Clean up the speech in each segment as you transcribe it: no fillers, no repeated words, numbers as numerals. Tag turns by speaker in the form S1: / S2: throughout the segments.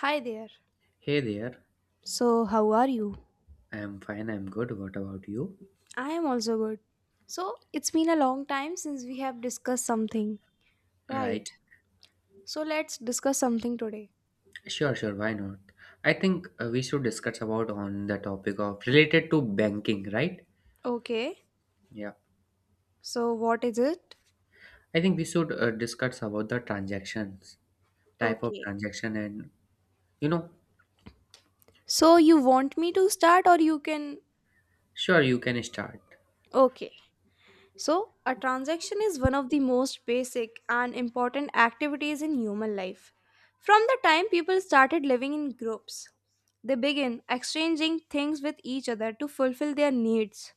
S1: Hi there.
S2: Hey there.
S1: So, how are you?
S2: I'm fine, I'm good. What about you?
S1: I am also good. So, it's been a long time since we have discussed something. Right.
S2: Right.
S1: So, let's discuss something today.
S2: Sure, sure, why not? I think we should discuss about on the topic of related to banking, right?
S1: Okay.
S2: Yeah.
S1: So, what is it?
S2: I think we should discuss about the transactions, type of
S1: Okay.
S2: transaction and you know,
S1: So, you want me to start or you can.
S2: sure you can start.
S1: Okay. So, a transaction is one of the most basic and important activities in human life. From the time people started living in groups, they begin exchanging things with each other to fulfill their needs.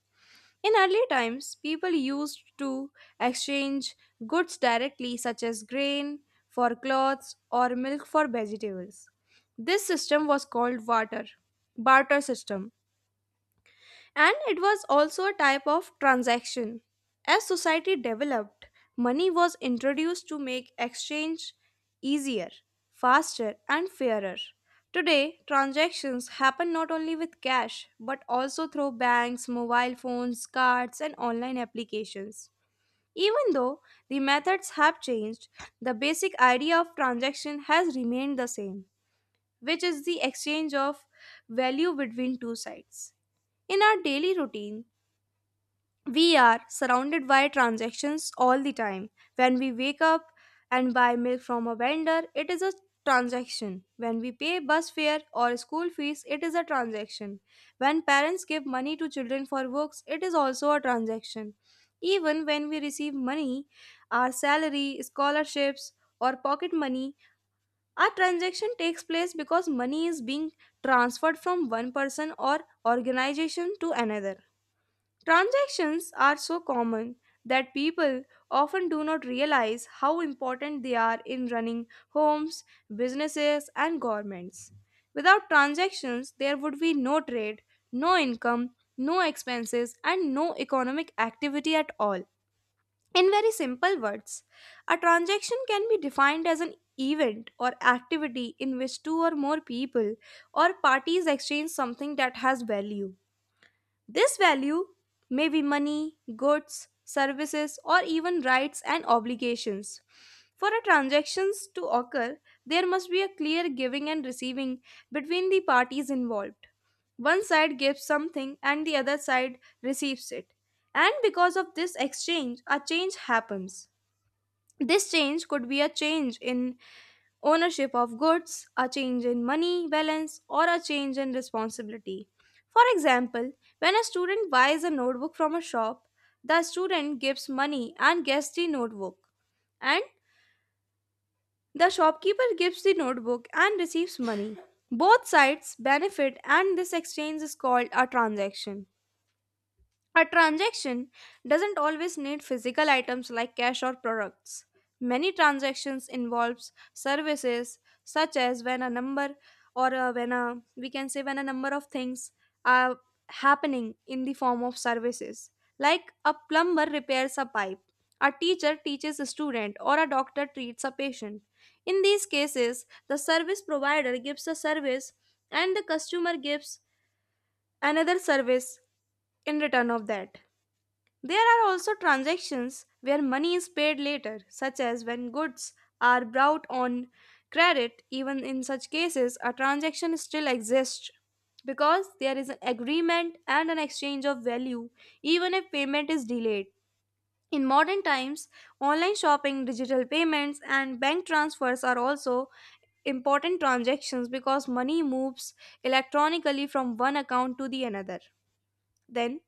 S1: In early times, people used to exchange goods directly, such as grain for clothes or milk for vegetables. This system was called barter system. And it was also a type of transaction. As society developed, money was introduced to make exchange easier, faster, and fairer. Today, transactions happen not only with cash but also through banks, mobile phones, cards, and online applications. Even though the methods have changed, the basic idea of transaction has remained the same which is the exchange of value between two sides. In our daily routine, we are surrounded by transactions all the time. When we wake up and buy milk from a vendor, it is a transaction. When we pay bus fare or school fees, it is a transaction. When parents give money to children for books, it is also a transaction. Even when we receive money, our salary, scholarships, or pocket money, a transaction takes place because money is being transferred from one person or organization to another. Transactions are so common that people often do not realize how important they are in running homes, businesses, and governments. Without transactions, there would be no trade, no income, no expenses, and no economic activity at all. In very simple words, a transaction can be defined as an event or activity in which two or more people or parties exchange something that has value. This value may be money, goods, services, or even rights and obligations. For a transactions to occur, there must be a clear giving and receiving between the parties involved. One side gives something and the other side receives it. And because of this exchange, a change happens. This change could be a change in ownership of goods, a change in money balance, or a change in responsibility. For example, when a student buys a notebook from a shop, the student gives money and gets the notebook, and the shopkeeper gives the notebook and receives money. Both sides benefit, and this exchange is called a transaction. A transaction doesn't always need physical items like cash or products. Many transactions involves services such as when a number or when a we can say when a number of things are happening in the form of services, like a plumber repairs a pipe, a teacher teaches a student, or a doctor treats a patient. In these cases, the service provider gives a service and the customer gives another service in return of that. There are also transactions where money is paid later, such as when goods are brought on credit. Even in such cases, a transaction still exists because there is an agreement and an exchange of value, even if payment is delayed. In modern times, online shopping, digital payments, and bank transfers are also important transactions because money moves electronically from one account to the another. Then,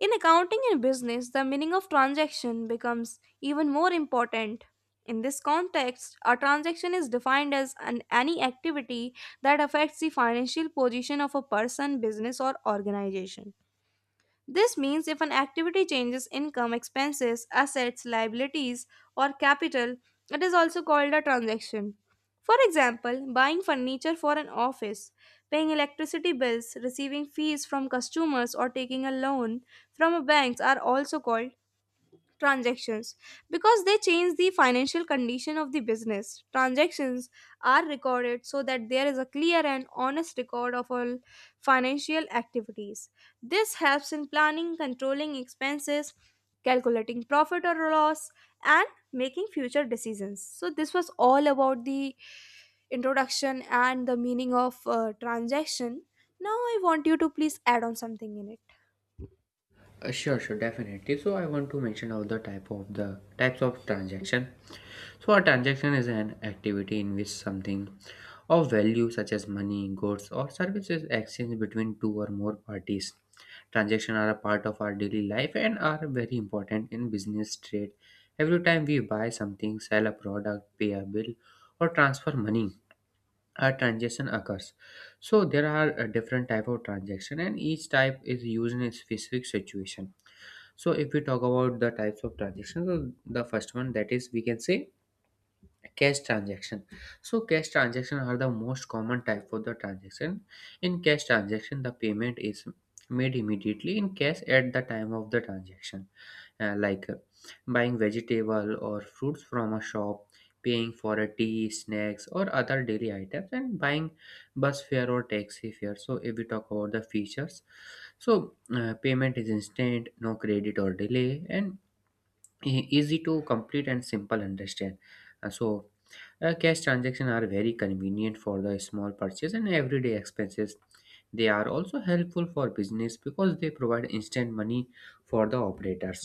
S1: in accounting and business, the meaning of transaction becomes even more important. In this context, a transaction is defined as any activity that affects the financial position of a person, business, or organization. This means if an activity changes income, expenses, assets, liabilities, or capital, it is also called a transaction. For example, buying furniture for an office, paying electricity bills, receiving fees from customers, or taking a loan from a bank are also called transactions because they change the financial condition of the business. Transactions are recorded so that there is a clear and honest record of all financial activities. This helps in planning, controlling expenses, calculating profit or loss, and making future decisions. So this was all about the introduction and the meaning of transaction. Now I want you to please add on something in it.
S2: Sure, sure, definitely. So I want to mention all the type of the types of transaction. So a transaction is an activity in which something of value such as money, goods, or services exchanged between two or more parties. Transactions are a part of our daily life and are very important in business trade. Every time we buy something, sell a product, pay a bill, or transfer money, a transaction occurs. So there are different type of transaction and each type is used in a specific situation. So if we talk about the types of transactions, so the first one, that is, we can say cash transaction. So cash transaction are the most common type of the transaction. In cash transaction, the payment is made immediately in cash at the time of the transaction. Uh, like uh, Buying vegetable or fruits from a shop, paying for a tea snacks or other daily items, and buying bus fare or taxi fare. So if we talk about the features, so payment is instant, no credit or delay, and easy to complete and simple understand. Uh, so Cash transactions are very convenient for the small purchase and everyday expenses. They are also helpful for business because they provide instant money for the operators.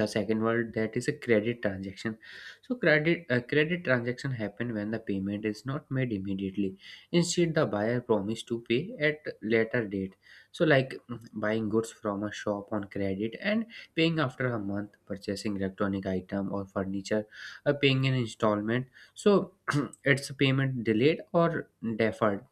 S2: The second one, that is a credit transaction. So credit transaction happen when the payment is not made immediately. Instead, the buyer promise to pay at later date. So like buying goods from a shop on credit and paying after a month, purchasing electronic item or furniture, paying an installment. So it's a payment delayed or deferred,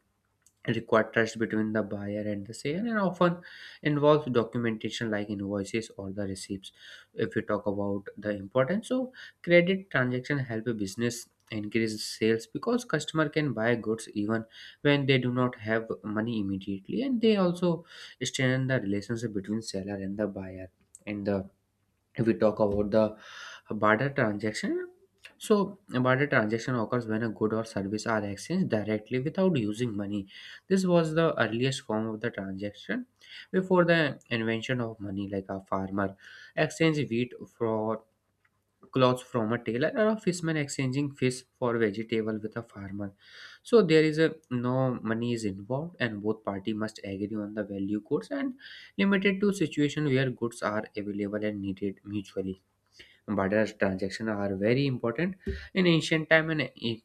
S2: require trust between the buyer and the seller, and often involves documentation like invoices or the receipts. If we talk about the importance, so credit transaction help a business increase sales because customer can buy goods even when they do not have money immediately, and they also strengthen the relationship between seller and the buyer. And the, if we talk about the barter transaction, so a barter transaction occurs when a good or service are exchanged directly without using money. This was the earliest form of the transaction before the invention of money, like a farmer exchange wheat for clothes from a tailor, or a fisherman exchanging fish for vegetable with a farmer. So there is a no money is involved, and both party must agree on the value course, and limited to situation where goods are available and needed mutually. But as transactions are very important in ancient time, and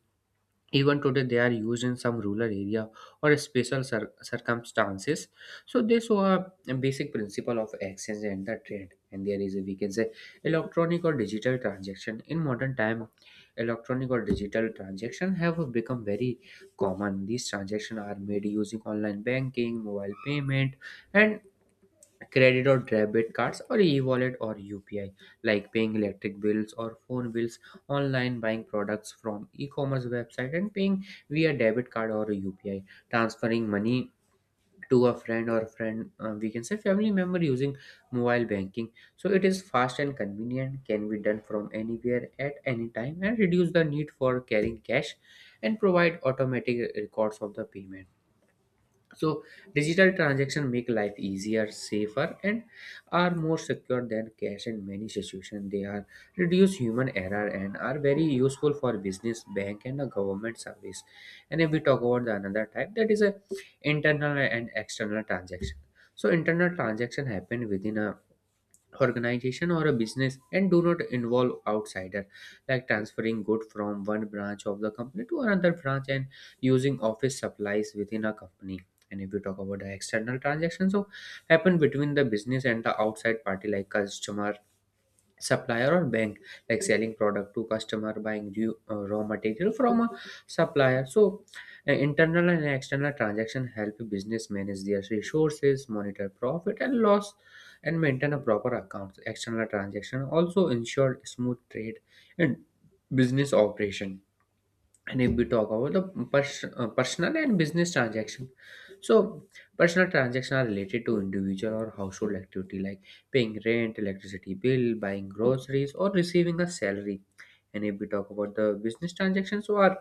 S2: even today they are used in some rural area or special circumstances. So they show a basic principle of exchange and the trade. And there is a, we can say, electronic or digital transaction. In modern time, electronic or digital transaction have become very common. These transactions are made using online banking, mobile payment, and credit or debit cards or e-wallet or UPI, like paying electric bills or phone bills, online buying products from e-commerce website and paying via debit card or UPI, transferring money to a friend or friend we can say family member using mobile banking. So it is fast and convenient, can be done from anywhere at any time, and reduce the need for carrying cash, and provide automatic records of the payment. So digital transactions make life easier, safer, and are more secure than cash in many situations. They are reduce human error and are very useful for business, bank, and a government service. And if we talk about the another type, that is a internal and external transaction. So internal transaction happen within a organization or a business and do not involve outsider, like transferring good from one branch of the company to another branch, and using office supplies within a company. And if you talk about the external transactions, so happen between the business and the outside party like customer, supplier, or bank, like selling product to customer, buying new, raw material from a supplier. So internal and external transaction help business manage their resources, monitor profit and loss, and maintain a proper account. External transaction also ensure smooth trade and business operation. And if we talk about the personal and business transaction, so personal transactions are related to individual or household activity, like paying rent, electricity bill, buying groceries, or receiving a salary. And if we talk about the business transactions, so are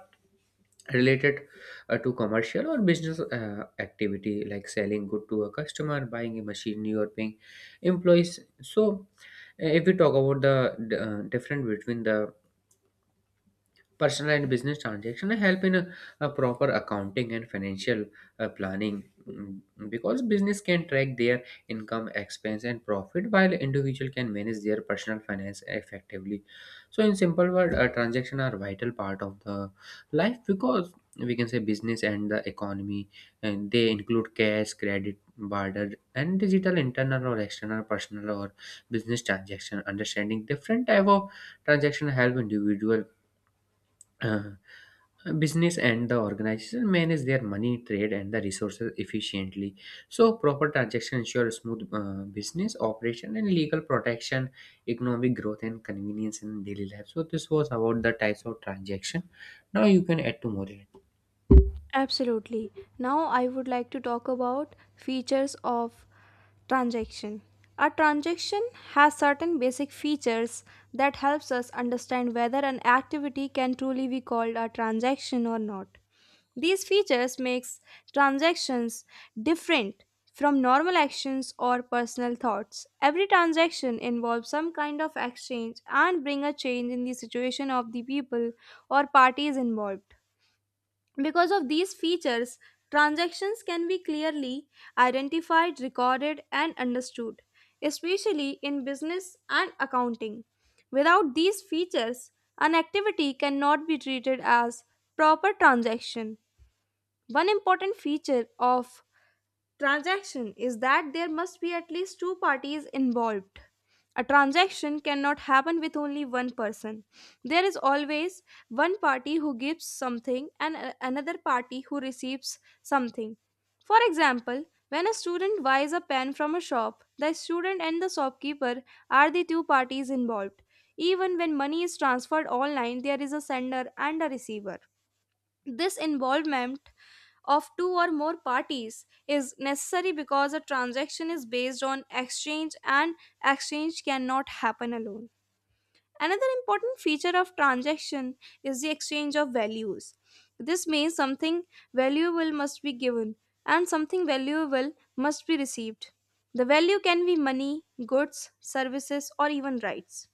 S2: related to commercial or business activity, like selling good to a customer, buying a machinery, or paying employees. So if we talk about the difference between the personal and business transaction, help in a proper accounting and financial planning, because business can track their income, expense, and profit, while individual can manage their personal finance effectively. So, in simple word, transaction are vital part of the life, because we can say business and the economy, and they include cash, credit, barter, and digital, internal or external, personal or business transaction. Understanding different type of transaction help individual business and the organization manage their money, trade, and the resources efficiently. So proper transaction ensure smooth business operation and legal protection, economic growth, and convenience in daily life. So this was about the types of transaction. Now you can add to more.
S1: Absolutely. Now I would like to talk about features of transaction. A transaction has certain basic features that helps us understand whether an activity can truly be called a transaction or not. These features makes transactions different from normal actions or personal thoughts. Every transaction involves some kind of exchange and bring a change in the situation of the people or parties involved. Because of these features, transactions can be clearly identified, recorded, and understood, especially in business and accounting. Without these features, an activity cannot be treated as proper transaction. One important feature of transaction is that there must be at least two parties involved. A transaction cannot happen with only one person. There is always one party who gives something and another party who receives something. For example, when a student buys a pen from a shop, the student and the shopkeeper are the two parties involved. Even when money is transferred online, there is a sender and a receiver. This involvement of two or more parties is necessary because a transaction is based on exchange and exchange cannot happen alone. Another important feature of transaction is the exchange of values. This means something valuable must be given and something valuable must be received. The value can be money, goods, services, or even rights.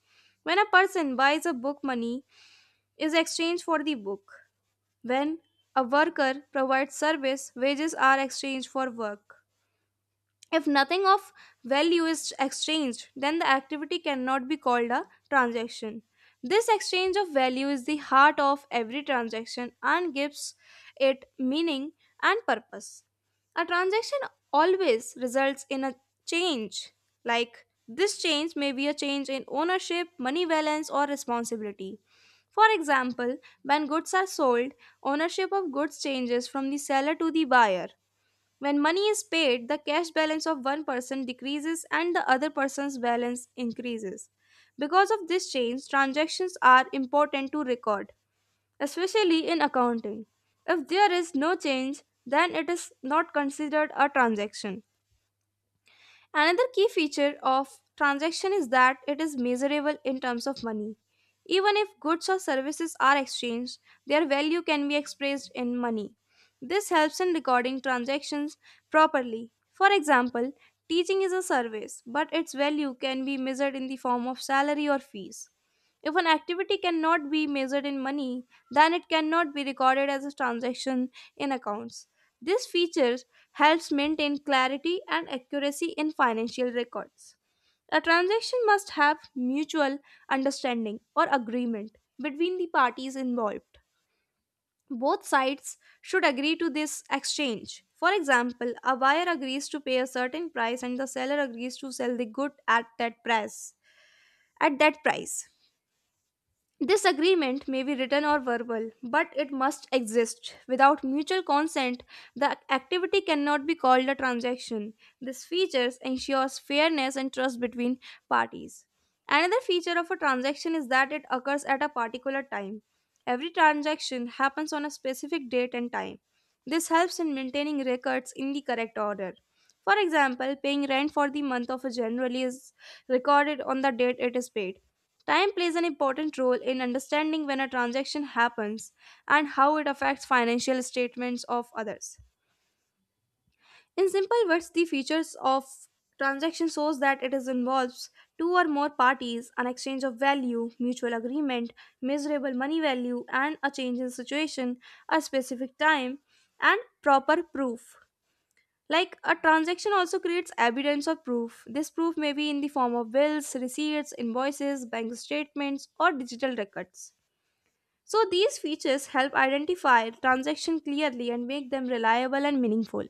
S1: When a person buys a book, money is exchanged for the book. When a worker provides service, wages are exchanged for work. If nothing of value is exchanged, then the activity cannot be called a transaction. This exchange of value is the heart of every transaction and gives it meaning and purpose. A transaction always results in a change, like this change may be a change in ownership, money balance, or responsibility. For example, when goods are sold, ownership of goods changes from the seller to the buyer. When money is paid, the cash balance of one person decreases and the other person's balance increases. Because of this change, transactions are important to record, especially in accounting. If there is no change, then it is not considered a transaction. Another key feature of transaction is that it is measurable in terms of money. Even if goods or services are exchanged, their value can be expressed in money. This helps in recording transactions properly. For example, teaching is a service, but its value can be measured in the form of salary or fees. If an activity cannot be measured in money, then it cannot be recorded as a transaction in accounts. This feature helps maintain clarity and accuracy in financial records. A transaction must have mutual understanding or agreement between the parties involved. Both sides should agree to this exchange. For example, a buyer agrees to pay a certain price and the seller agrees to sell the good at that price. At that price. This agreement may be written or verbal, but it must exist. Without mutual consent, the activity cannot be called a transaction. This feature ensures fairness and trust between parties. Another feature of a transaction is that it occurs at a particular time. Every transaction happens on a specific date and time. This helps in maintaining records in the correct order. For example, paying rent for the month of January is recorded on the date it is paid. Time plays an important role in understanding when a transaction happens and how it affects financial statements of others. In simple words, the features of transaction shows that it is involves two or more parties, an exchange of value, mutual agreement, measurable money value, and a change in situation, a specific time, and proper proof. Like a transaction also creates evidence of proof. This proof may be in the form of bills, receipts, invoices, bank statements, or digital records. So these features help identify transactions clearly and make them reliable and meaningful.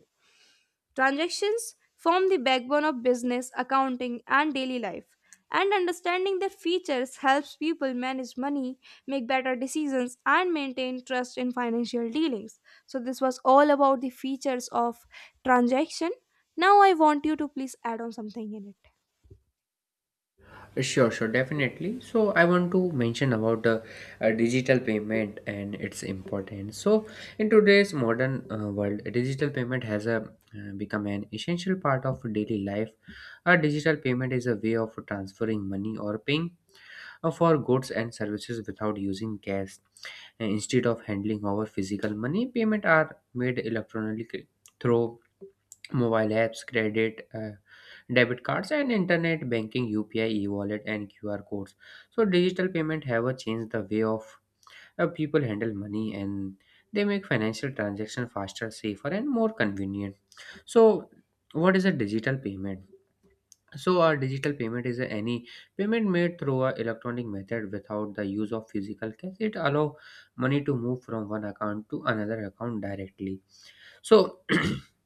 S1: Transactions form the backbone of business, accounting, and daily life. And understanding their features helps people manage money, make better decisions, and maintain trust in financial dealings. So, this was all about the features of transaction. Now, I want you to please add on something in it.
S2: Sure, sure, definitely. So I want to mention about the digital payment and its importance. So in today's modern world, digital payment has a, become an essential part of daily life. A digital payment is a way of transferring money or paying for goods and services without using cash. And instead of handling our physical money, payment are made electronically through mobile apps, credit, debit cards, and internet banking, UPI, e-wallet, and QR codes. So digital payment have a changed the way of people handle money, and they make financial transaction faster, safer, and more convenient. So, what is a digital payment? So, a digital payment is any payment made through a electronic method without the use of physical cash. It allow money to move from one account to another account directly. So if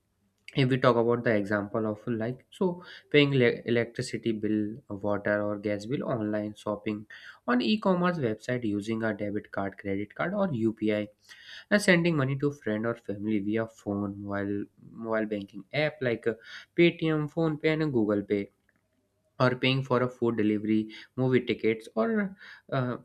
S2: we talk about the example of, like, so paying electricity bill, water or gas bill, online shopping on e-commerce website using a debit card, credit card, or UPI, and sending money to friend or family via phone mobile mobile banking app, like Paytm, phone pay and Google Pay, or paying for a food delivery, movie tickets, or uh,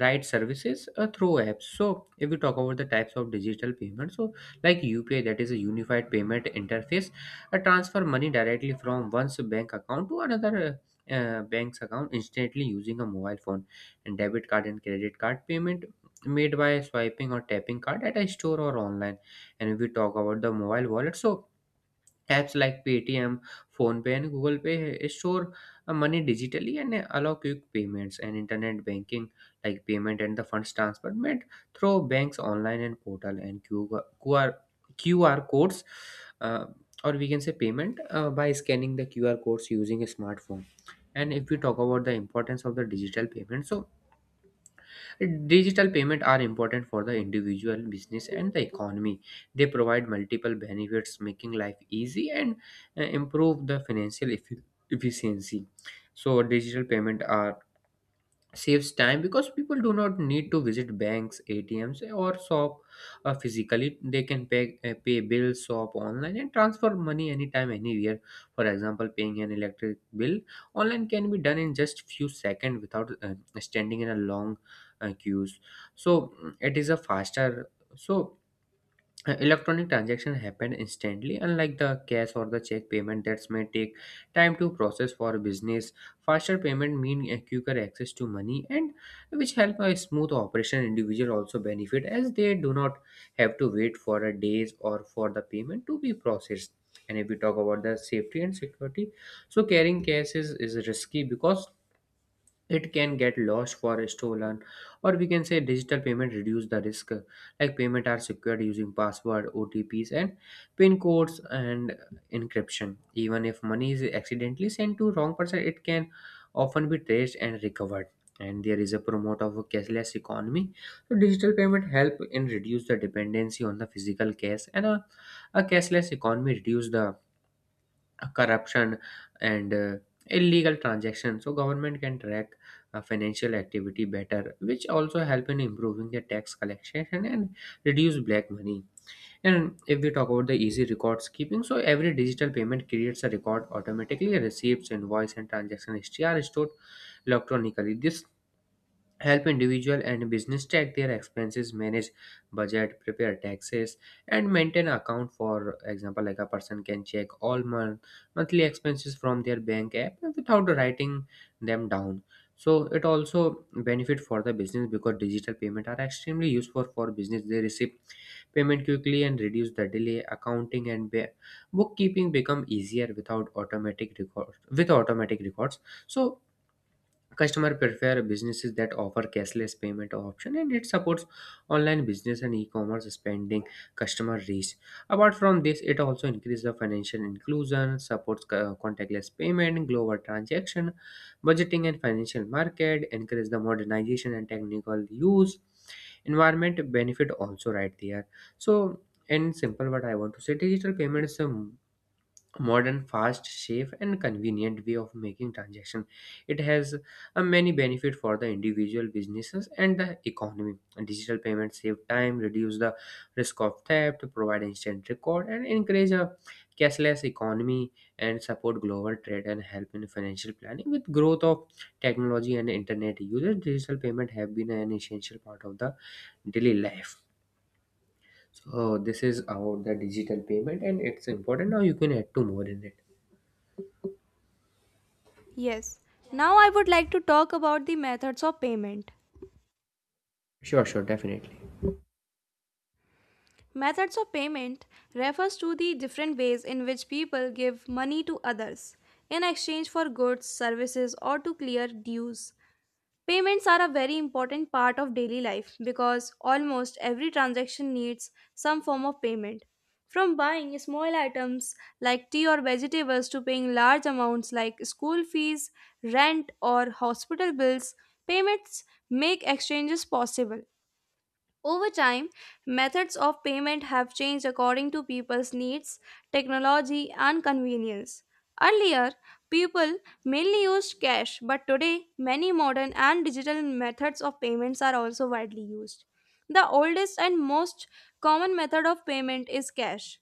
S2: right services through apps. So if we talk about the types of digital payments, so like UPI, that is a unified payment interface, transfer money directly from one's bank account to another bank's account instantly using a mobile phone. And debit card and credit card payment made by swiping or tapping card at a store or online. And if we talk about the mobile wallet, so apps like Paytm, PhonePe, and Google Pay store money digitally, and allow quick payments. And internet banking, like payment and the funds transfer, made through banks online and portal, and QR codes, uh, or we can say payment by scanning the QR codes using a smartphone. And if we talk about the importance of the digital payment, so digital payments are important for the individual, business, and the economy. They provide multiple benefits, making life easy and improve the financial efficiency. So, digital payment are saves time because people do not need to visit banks, atms, or shop physically. They can pay, pay bills, shop online, and transfer money anytime, anywhere. For example, paying an electric bill online can be done in just few seconds without standing in a long queues. It is a faster. So electronic transaction happen instantly, unlike the cash or the check payment that may take time to process. For business, faster payment mean a quicker access to money, and which help a smooth operation. Individual also benefit as they do not have to wait for a days or for the payment to be processed. And if we talk about the safety and security, so carrying cash is risky because it can get lost for stolen, or we can say digital payment reduce the risk. Like payment are secured using password, otps, and pin codes, and encryption. Even if money is accidentally sent to wrong person, it can often be traced and recovered. And there is a promote of a cashless economy. So digital payment help in reduce the dependency on the physical cash, and a cashless economy reduce the corruption and illegal transactions. So government can track financial activity better, which also help in improving the tax collection and reduce black money. And if we talk about the easy records keeping, so every digital payment creates a record automatically. Receipts, invoice, and transaction history are stored electronically. This help individual and business track their expenses, manage budget, prepare taxes, and maintain account. For example, like a person can check monthly expenses from their bank app without writing them down. So it also benefit for the business because digital payment are extremely useful for business. They receive payment quickly and reduce the delay. Accounting and bookkeeping become easier without automatic records. With automatic records, so customer prefer businesses that offer cashless payment option, and it supports online business and e-commerce spending customer reach. Apart from this, it also increases the financial inclusion, supports contactless payment, global transaction, budgeting and financial market, encourage the modernization and technical use. Environment benefit also right there. So in simple what I want to say, digital payments modern, fast, safe, and convenient way of making transaction. It has a many benefit for the individual, businesses, and the economy. Digital payments save time, reduce the risk of theft, provide instant record, and encourage a cashless economy, and support global trade and help in financial planning. With growth of technology and internet users, digital payment have been an essential part of the daily life. So this is about the digital payment and it's important. Now you can add to more in it.
S1: Yes. Now I would like to talk about the methods of payment.
S2: Sure, sure, definitely.
S1: Methods of payment refers to the different ways in which people give money to others in exchange for goods, services, or to clear dues. Payments are a very important part of daily life because almost every transaction needs some form of payment. From buying small items like tea or vegetables to paying large amounts like school fees, rent, or hospital bills, payments make exchanges possible. Over time, methods of payment have changed according to people's needs, technology, and convenience. Earlier, people mainly used cash, but today, many modern and digital methods of payments are also widely used. The oldest and most common method of payment is cash.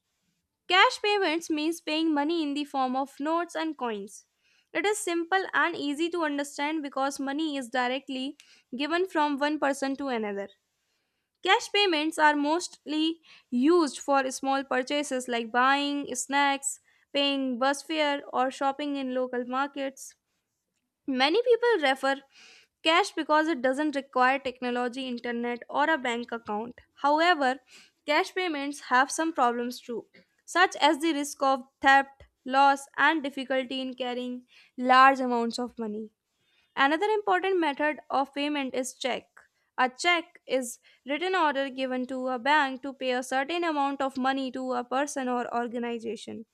S1: Cash payments means paying money in the form of notes and coins. It is simple and easy to understand because money is directly given from one person to another. Cash payments are mostly used for small purchases like buying snacks, paying bus fare, or shopping in local markets. Many people refer cash because it doesn't require technology, internet, or a bank account. However, cash payments have some problems too, such as the risk of theft, loss, and difficulty in carrying large amounts of money. Another important method of payment is check. A check is written order given to a bank to pay a certain amount of money to a person or organization.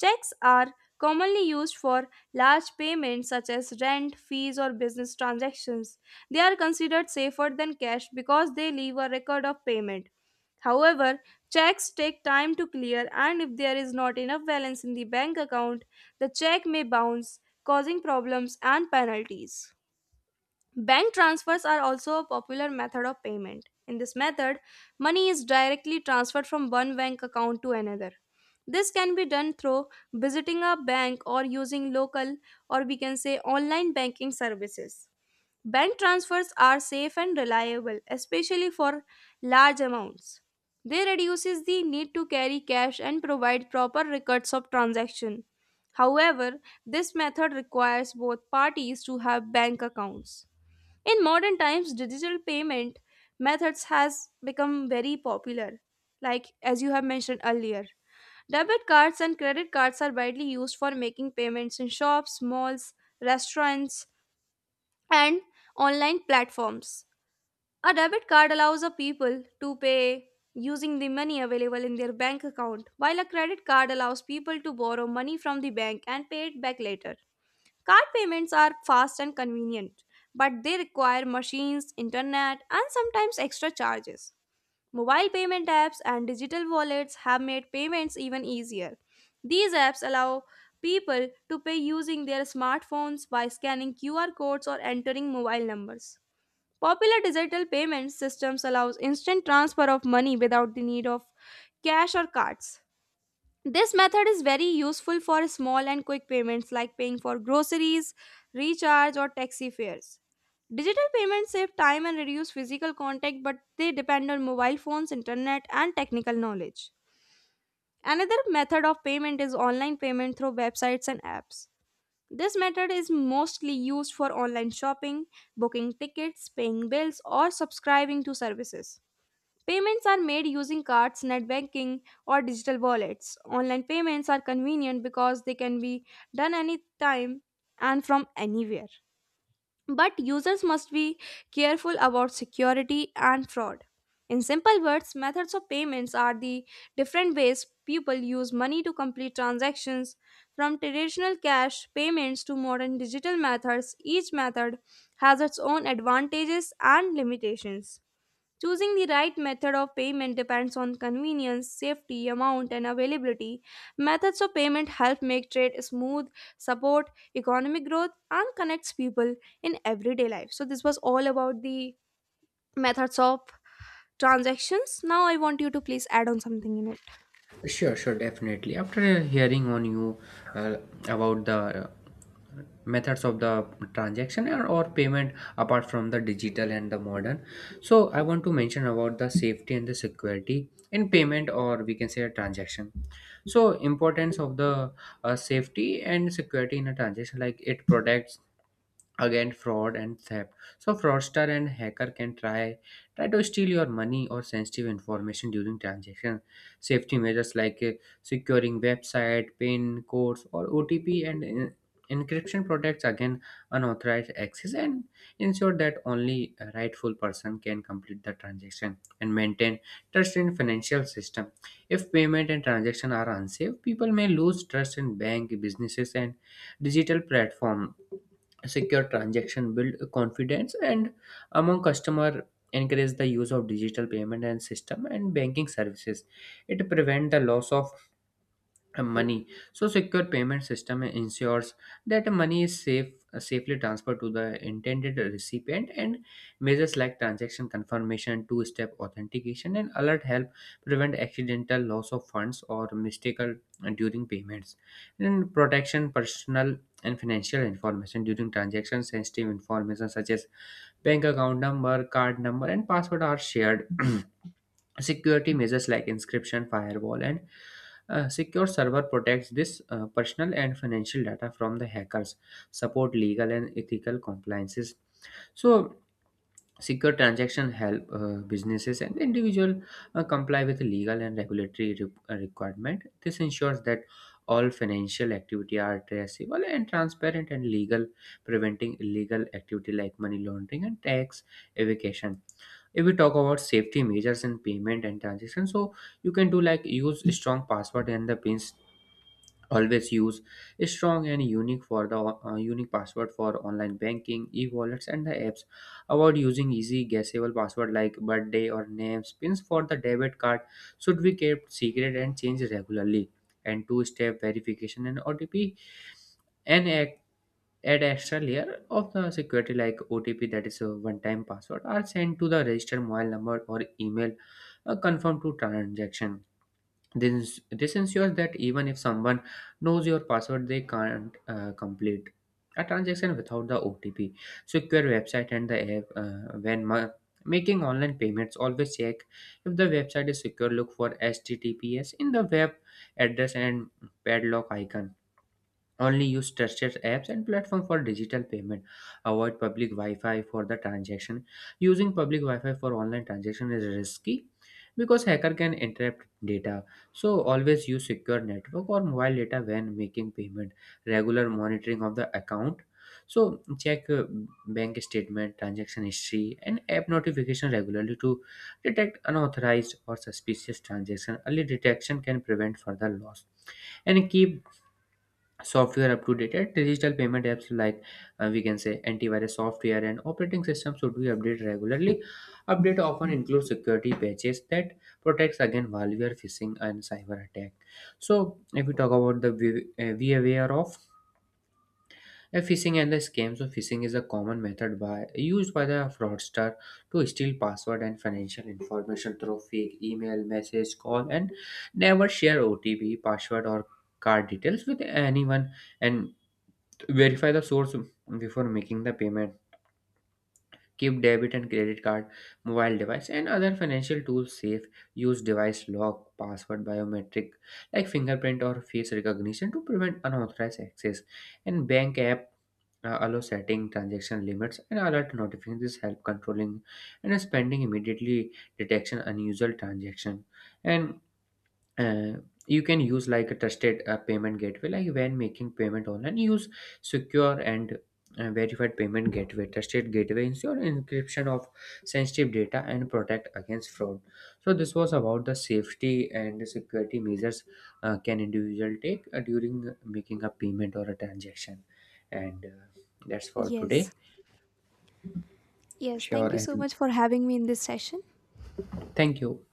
S1: Checks are commonly used for large payments such as rent, fees, or business transactions. They are considered safer than cash because they leave a record of payment. However, checks take time to clear, and if there is not enough balance in the bank account, the check may bounce, causing problems and penalties. Bank transfers are also a popular method of payment. In this method, money is directly transferred from one bank account to another. This can be done through visiting a bank or using local, or we can say online banking services. Bank transfers are safe and reliable, especially for large amounts. They reduces the need to carry cash and provide proper records of transaction. However, this method requires both parties to have bank accounts. In modern times, digital payment methods has become very popular. Like as you have mentioned earlier, debit cards and credit cards are widely used for making payments in shops, malls, restaurants, and online platforms. A debit card allows a people to pay using the money available in their bank account, while a credit card allows people to borrow money from the bank and pay it back later. Card payments are fast and convenient, but they require machines, internet, and sometimes extra charges. Mobile payment apps and digital wallets have made payments even easier. These apps allow people to pay using their smartphones by scanning QR codes or entering mobile numbers. Popular digital payment systems allows instant transfer of money without the need of cash or cards. This method is very useful for small and quick payments like paying for groceries, recharge, or taxi fares. Digital payments save time and reduce physical contact, but they depend on mobile phones, internet, and technical knowledge. Another method of payment is online payment through websites and apps. This method is mostly used for online shopping, booking tickets, paying bills, or subscribing to services. Payments are made using cards, net banking, or digital wallets. Online payments are convenient because they can be done anytime and from anywhere. But users must be careful about security and fraud. In simple words, methods of payments are the different ways people use money to complete transactions. From traditional cash payments to modern digital methods, each method has its own advantages and limitations. Choosing the right method of payment depends on convenience, safety, amount, and availability. Methods of payment help make trade smooth, support economic growth, and connects people in everyday life. So, this was all about the methods of transactions. Now, I want you to please add on something in it.
S2: Sure, sure, definitely. After hearing on you uh, about the uh, methods of the transaction or payment apart from the digital and the modern, so I want to mention about the safety and the security in payment, or we can say a transaction. So importance of the safety and security in a transaction, like it protects again fraud and theft. So fraudster and hacker can try to steal your money or sensitive information during transaction. Safety measures like securing website, pin codes or otp, and encryption protects again unauthorized access and ensure that only a rightful person can complete the transaction and maintain trust in financial system. If payment and transaction are unsafe, people may lose trust in bank, businesses, and digital platform. Secure transaction build confidence and among customer, encourage the use of digital payment and system and banking services. It prevent the loss of money. So secure payment system ensures that money is safe, safely transferred to the intended recipient, and measures like transaction confirmation, two step authentication, and alert help prevent accidental loss of funds or mistaken during payments. And protection personal and financial information during transactions, sensitive information such as bank account number, card number, and password are shared. Security measures like encryption, firewall, and a secure server protects this personal and financial data from the hackers, support legal and ethical compliances. So, secure transaction help businesses and individual comply with legal and regulatory requirement. This ensures that all financial activity are traceable and transparent and legal, preventing illegal activity like money laundering and tax evasion. If we talk about safety measures in payment and transaction, so you can do like use strong password and the pins. Always use a strong and unique for the unique password for online banking, e-wallets, and the apps. Avoid using easy guessable password like birthday or names. Pins for the debit card should be kept secret and changed regularly. And two-step verification and otp and add extra layer of the security, like otp, that is a one-time password, are sent to the registered mobile number or email confirmed to transaction. This ensures that even if someone knows your password, they can't complete a transaction without the OTP. Secure website and the app. When making online payments, always check if the website is secure. Look for HTTPS in the web address and padlock icon. Only use trusted apps and platform for digital payment. Avoid public Wi-Fi for the transaction. Using public Wi-Fi for online transaction is risky because hacker can interrupt data. So always use secure network or mobile data when making payment. Regular monitoring of the account. So check bank statement, transaction history, and app notification regularly to detect unauthorized or suspicious transaction. Early detection can prevent further loss. And keep software updated. Digital payment apps like we can say antivirus software and operating systems should be updated regularly. Update often includes security patches that protects against malware, phishing, and cyber attack. So if we talk about the be aware of phishing and the scams. So phishing is a common method by used by the fraudster to steal password and financial information through fake email, message, call. And never share otp, password, or card details with anyone. And verify the source before making the payment. Keep debit and credit card, mobile device, and other financial tools safe. Use device lock, password, biometric, like fingerprint or face recognition to prevent unauthorized access. And bank app allow setting transaction limits and alert notifications help controlling and spending immediately detection unusual transaction. And uh, you can use like a trusted payment gateway, like when making payment online, use secure and verified payment gateway. Trusted gateway ensure encryption of sensitive data and protect against fraud. So this was about the safety and the security measures can individual take during making a payment or a transaction. And that's for
S1: Yes.
S2: today.
S1: Yes, thank
S2: Sure,
S1: you so
S2: and
S1: much for having me in this session.
S2: thank you.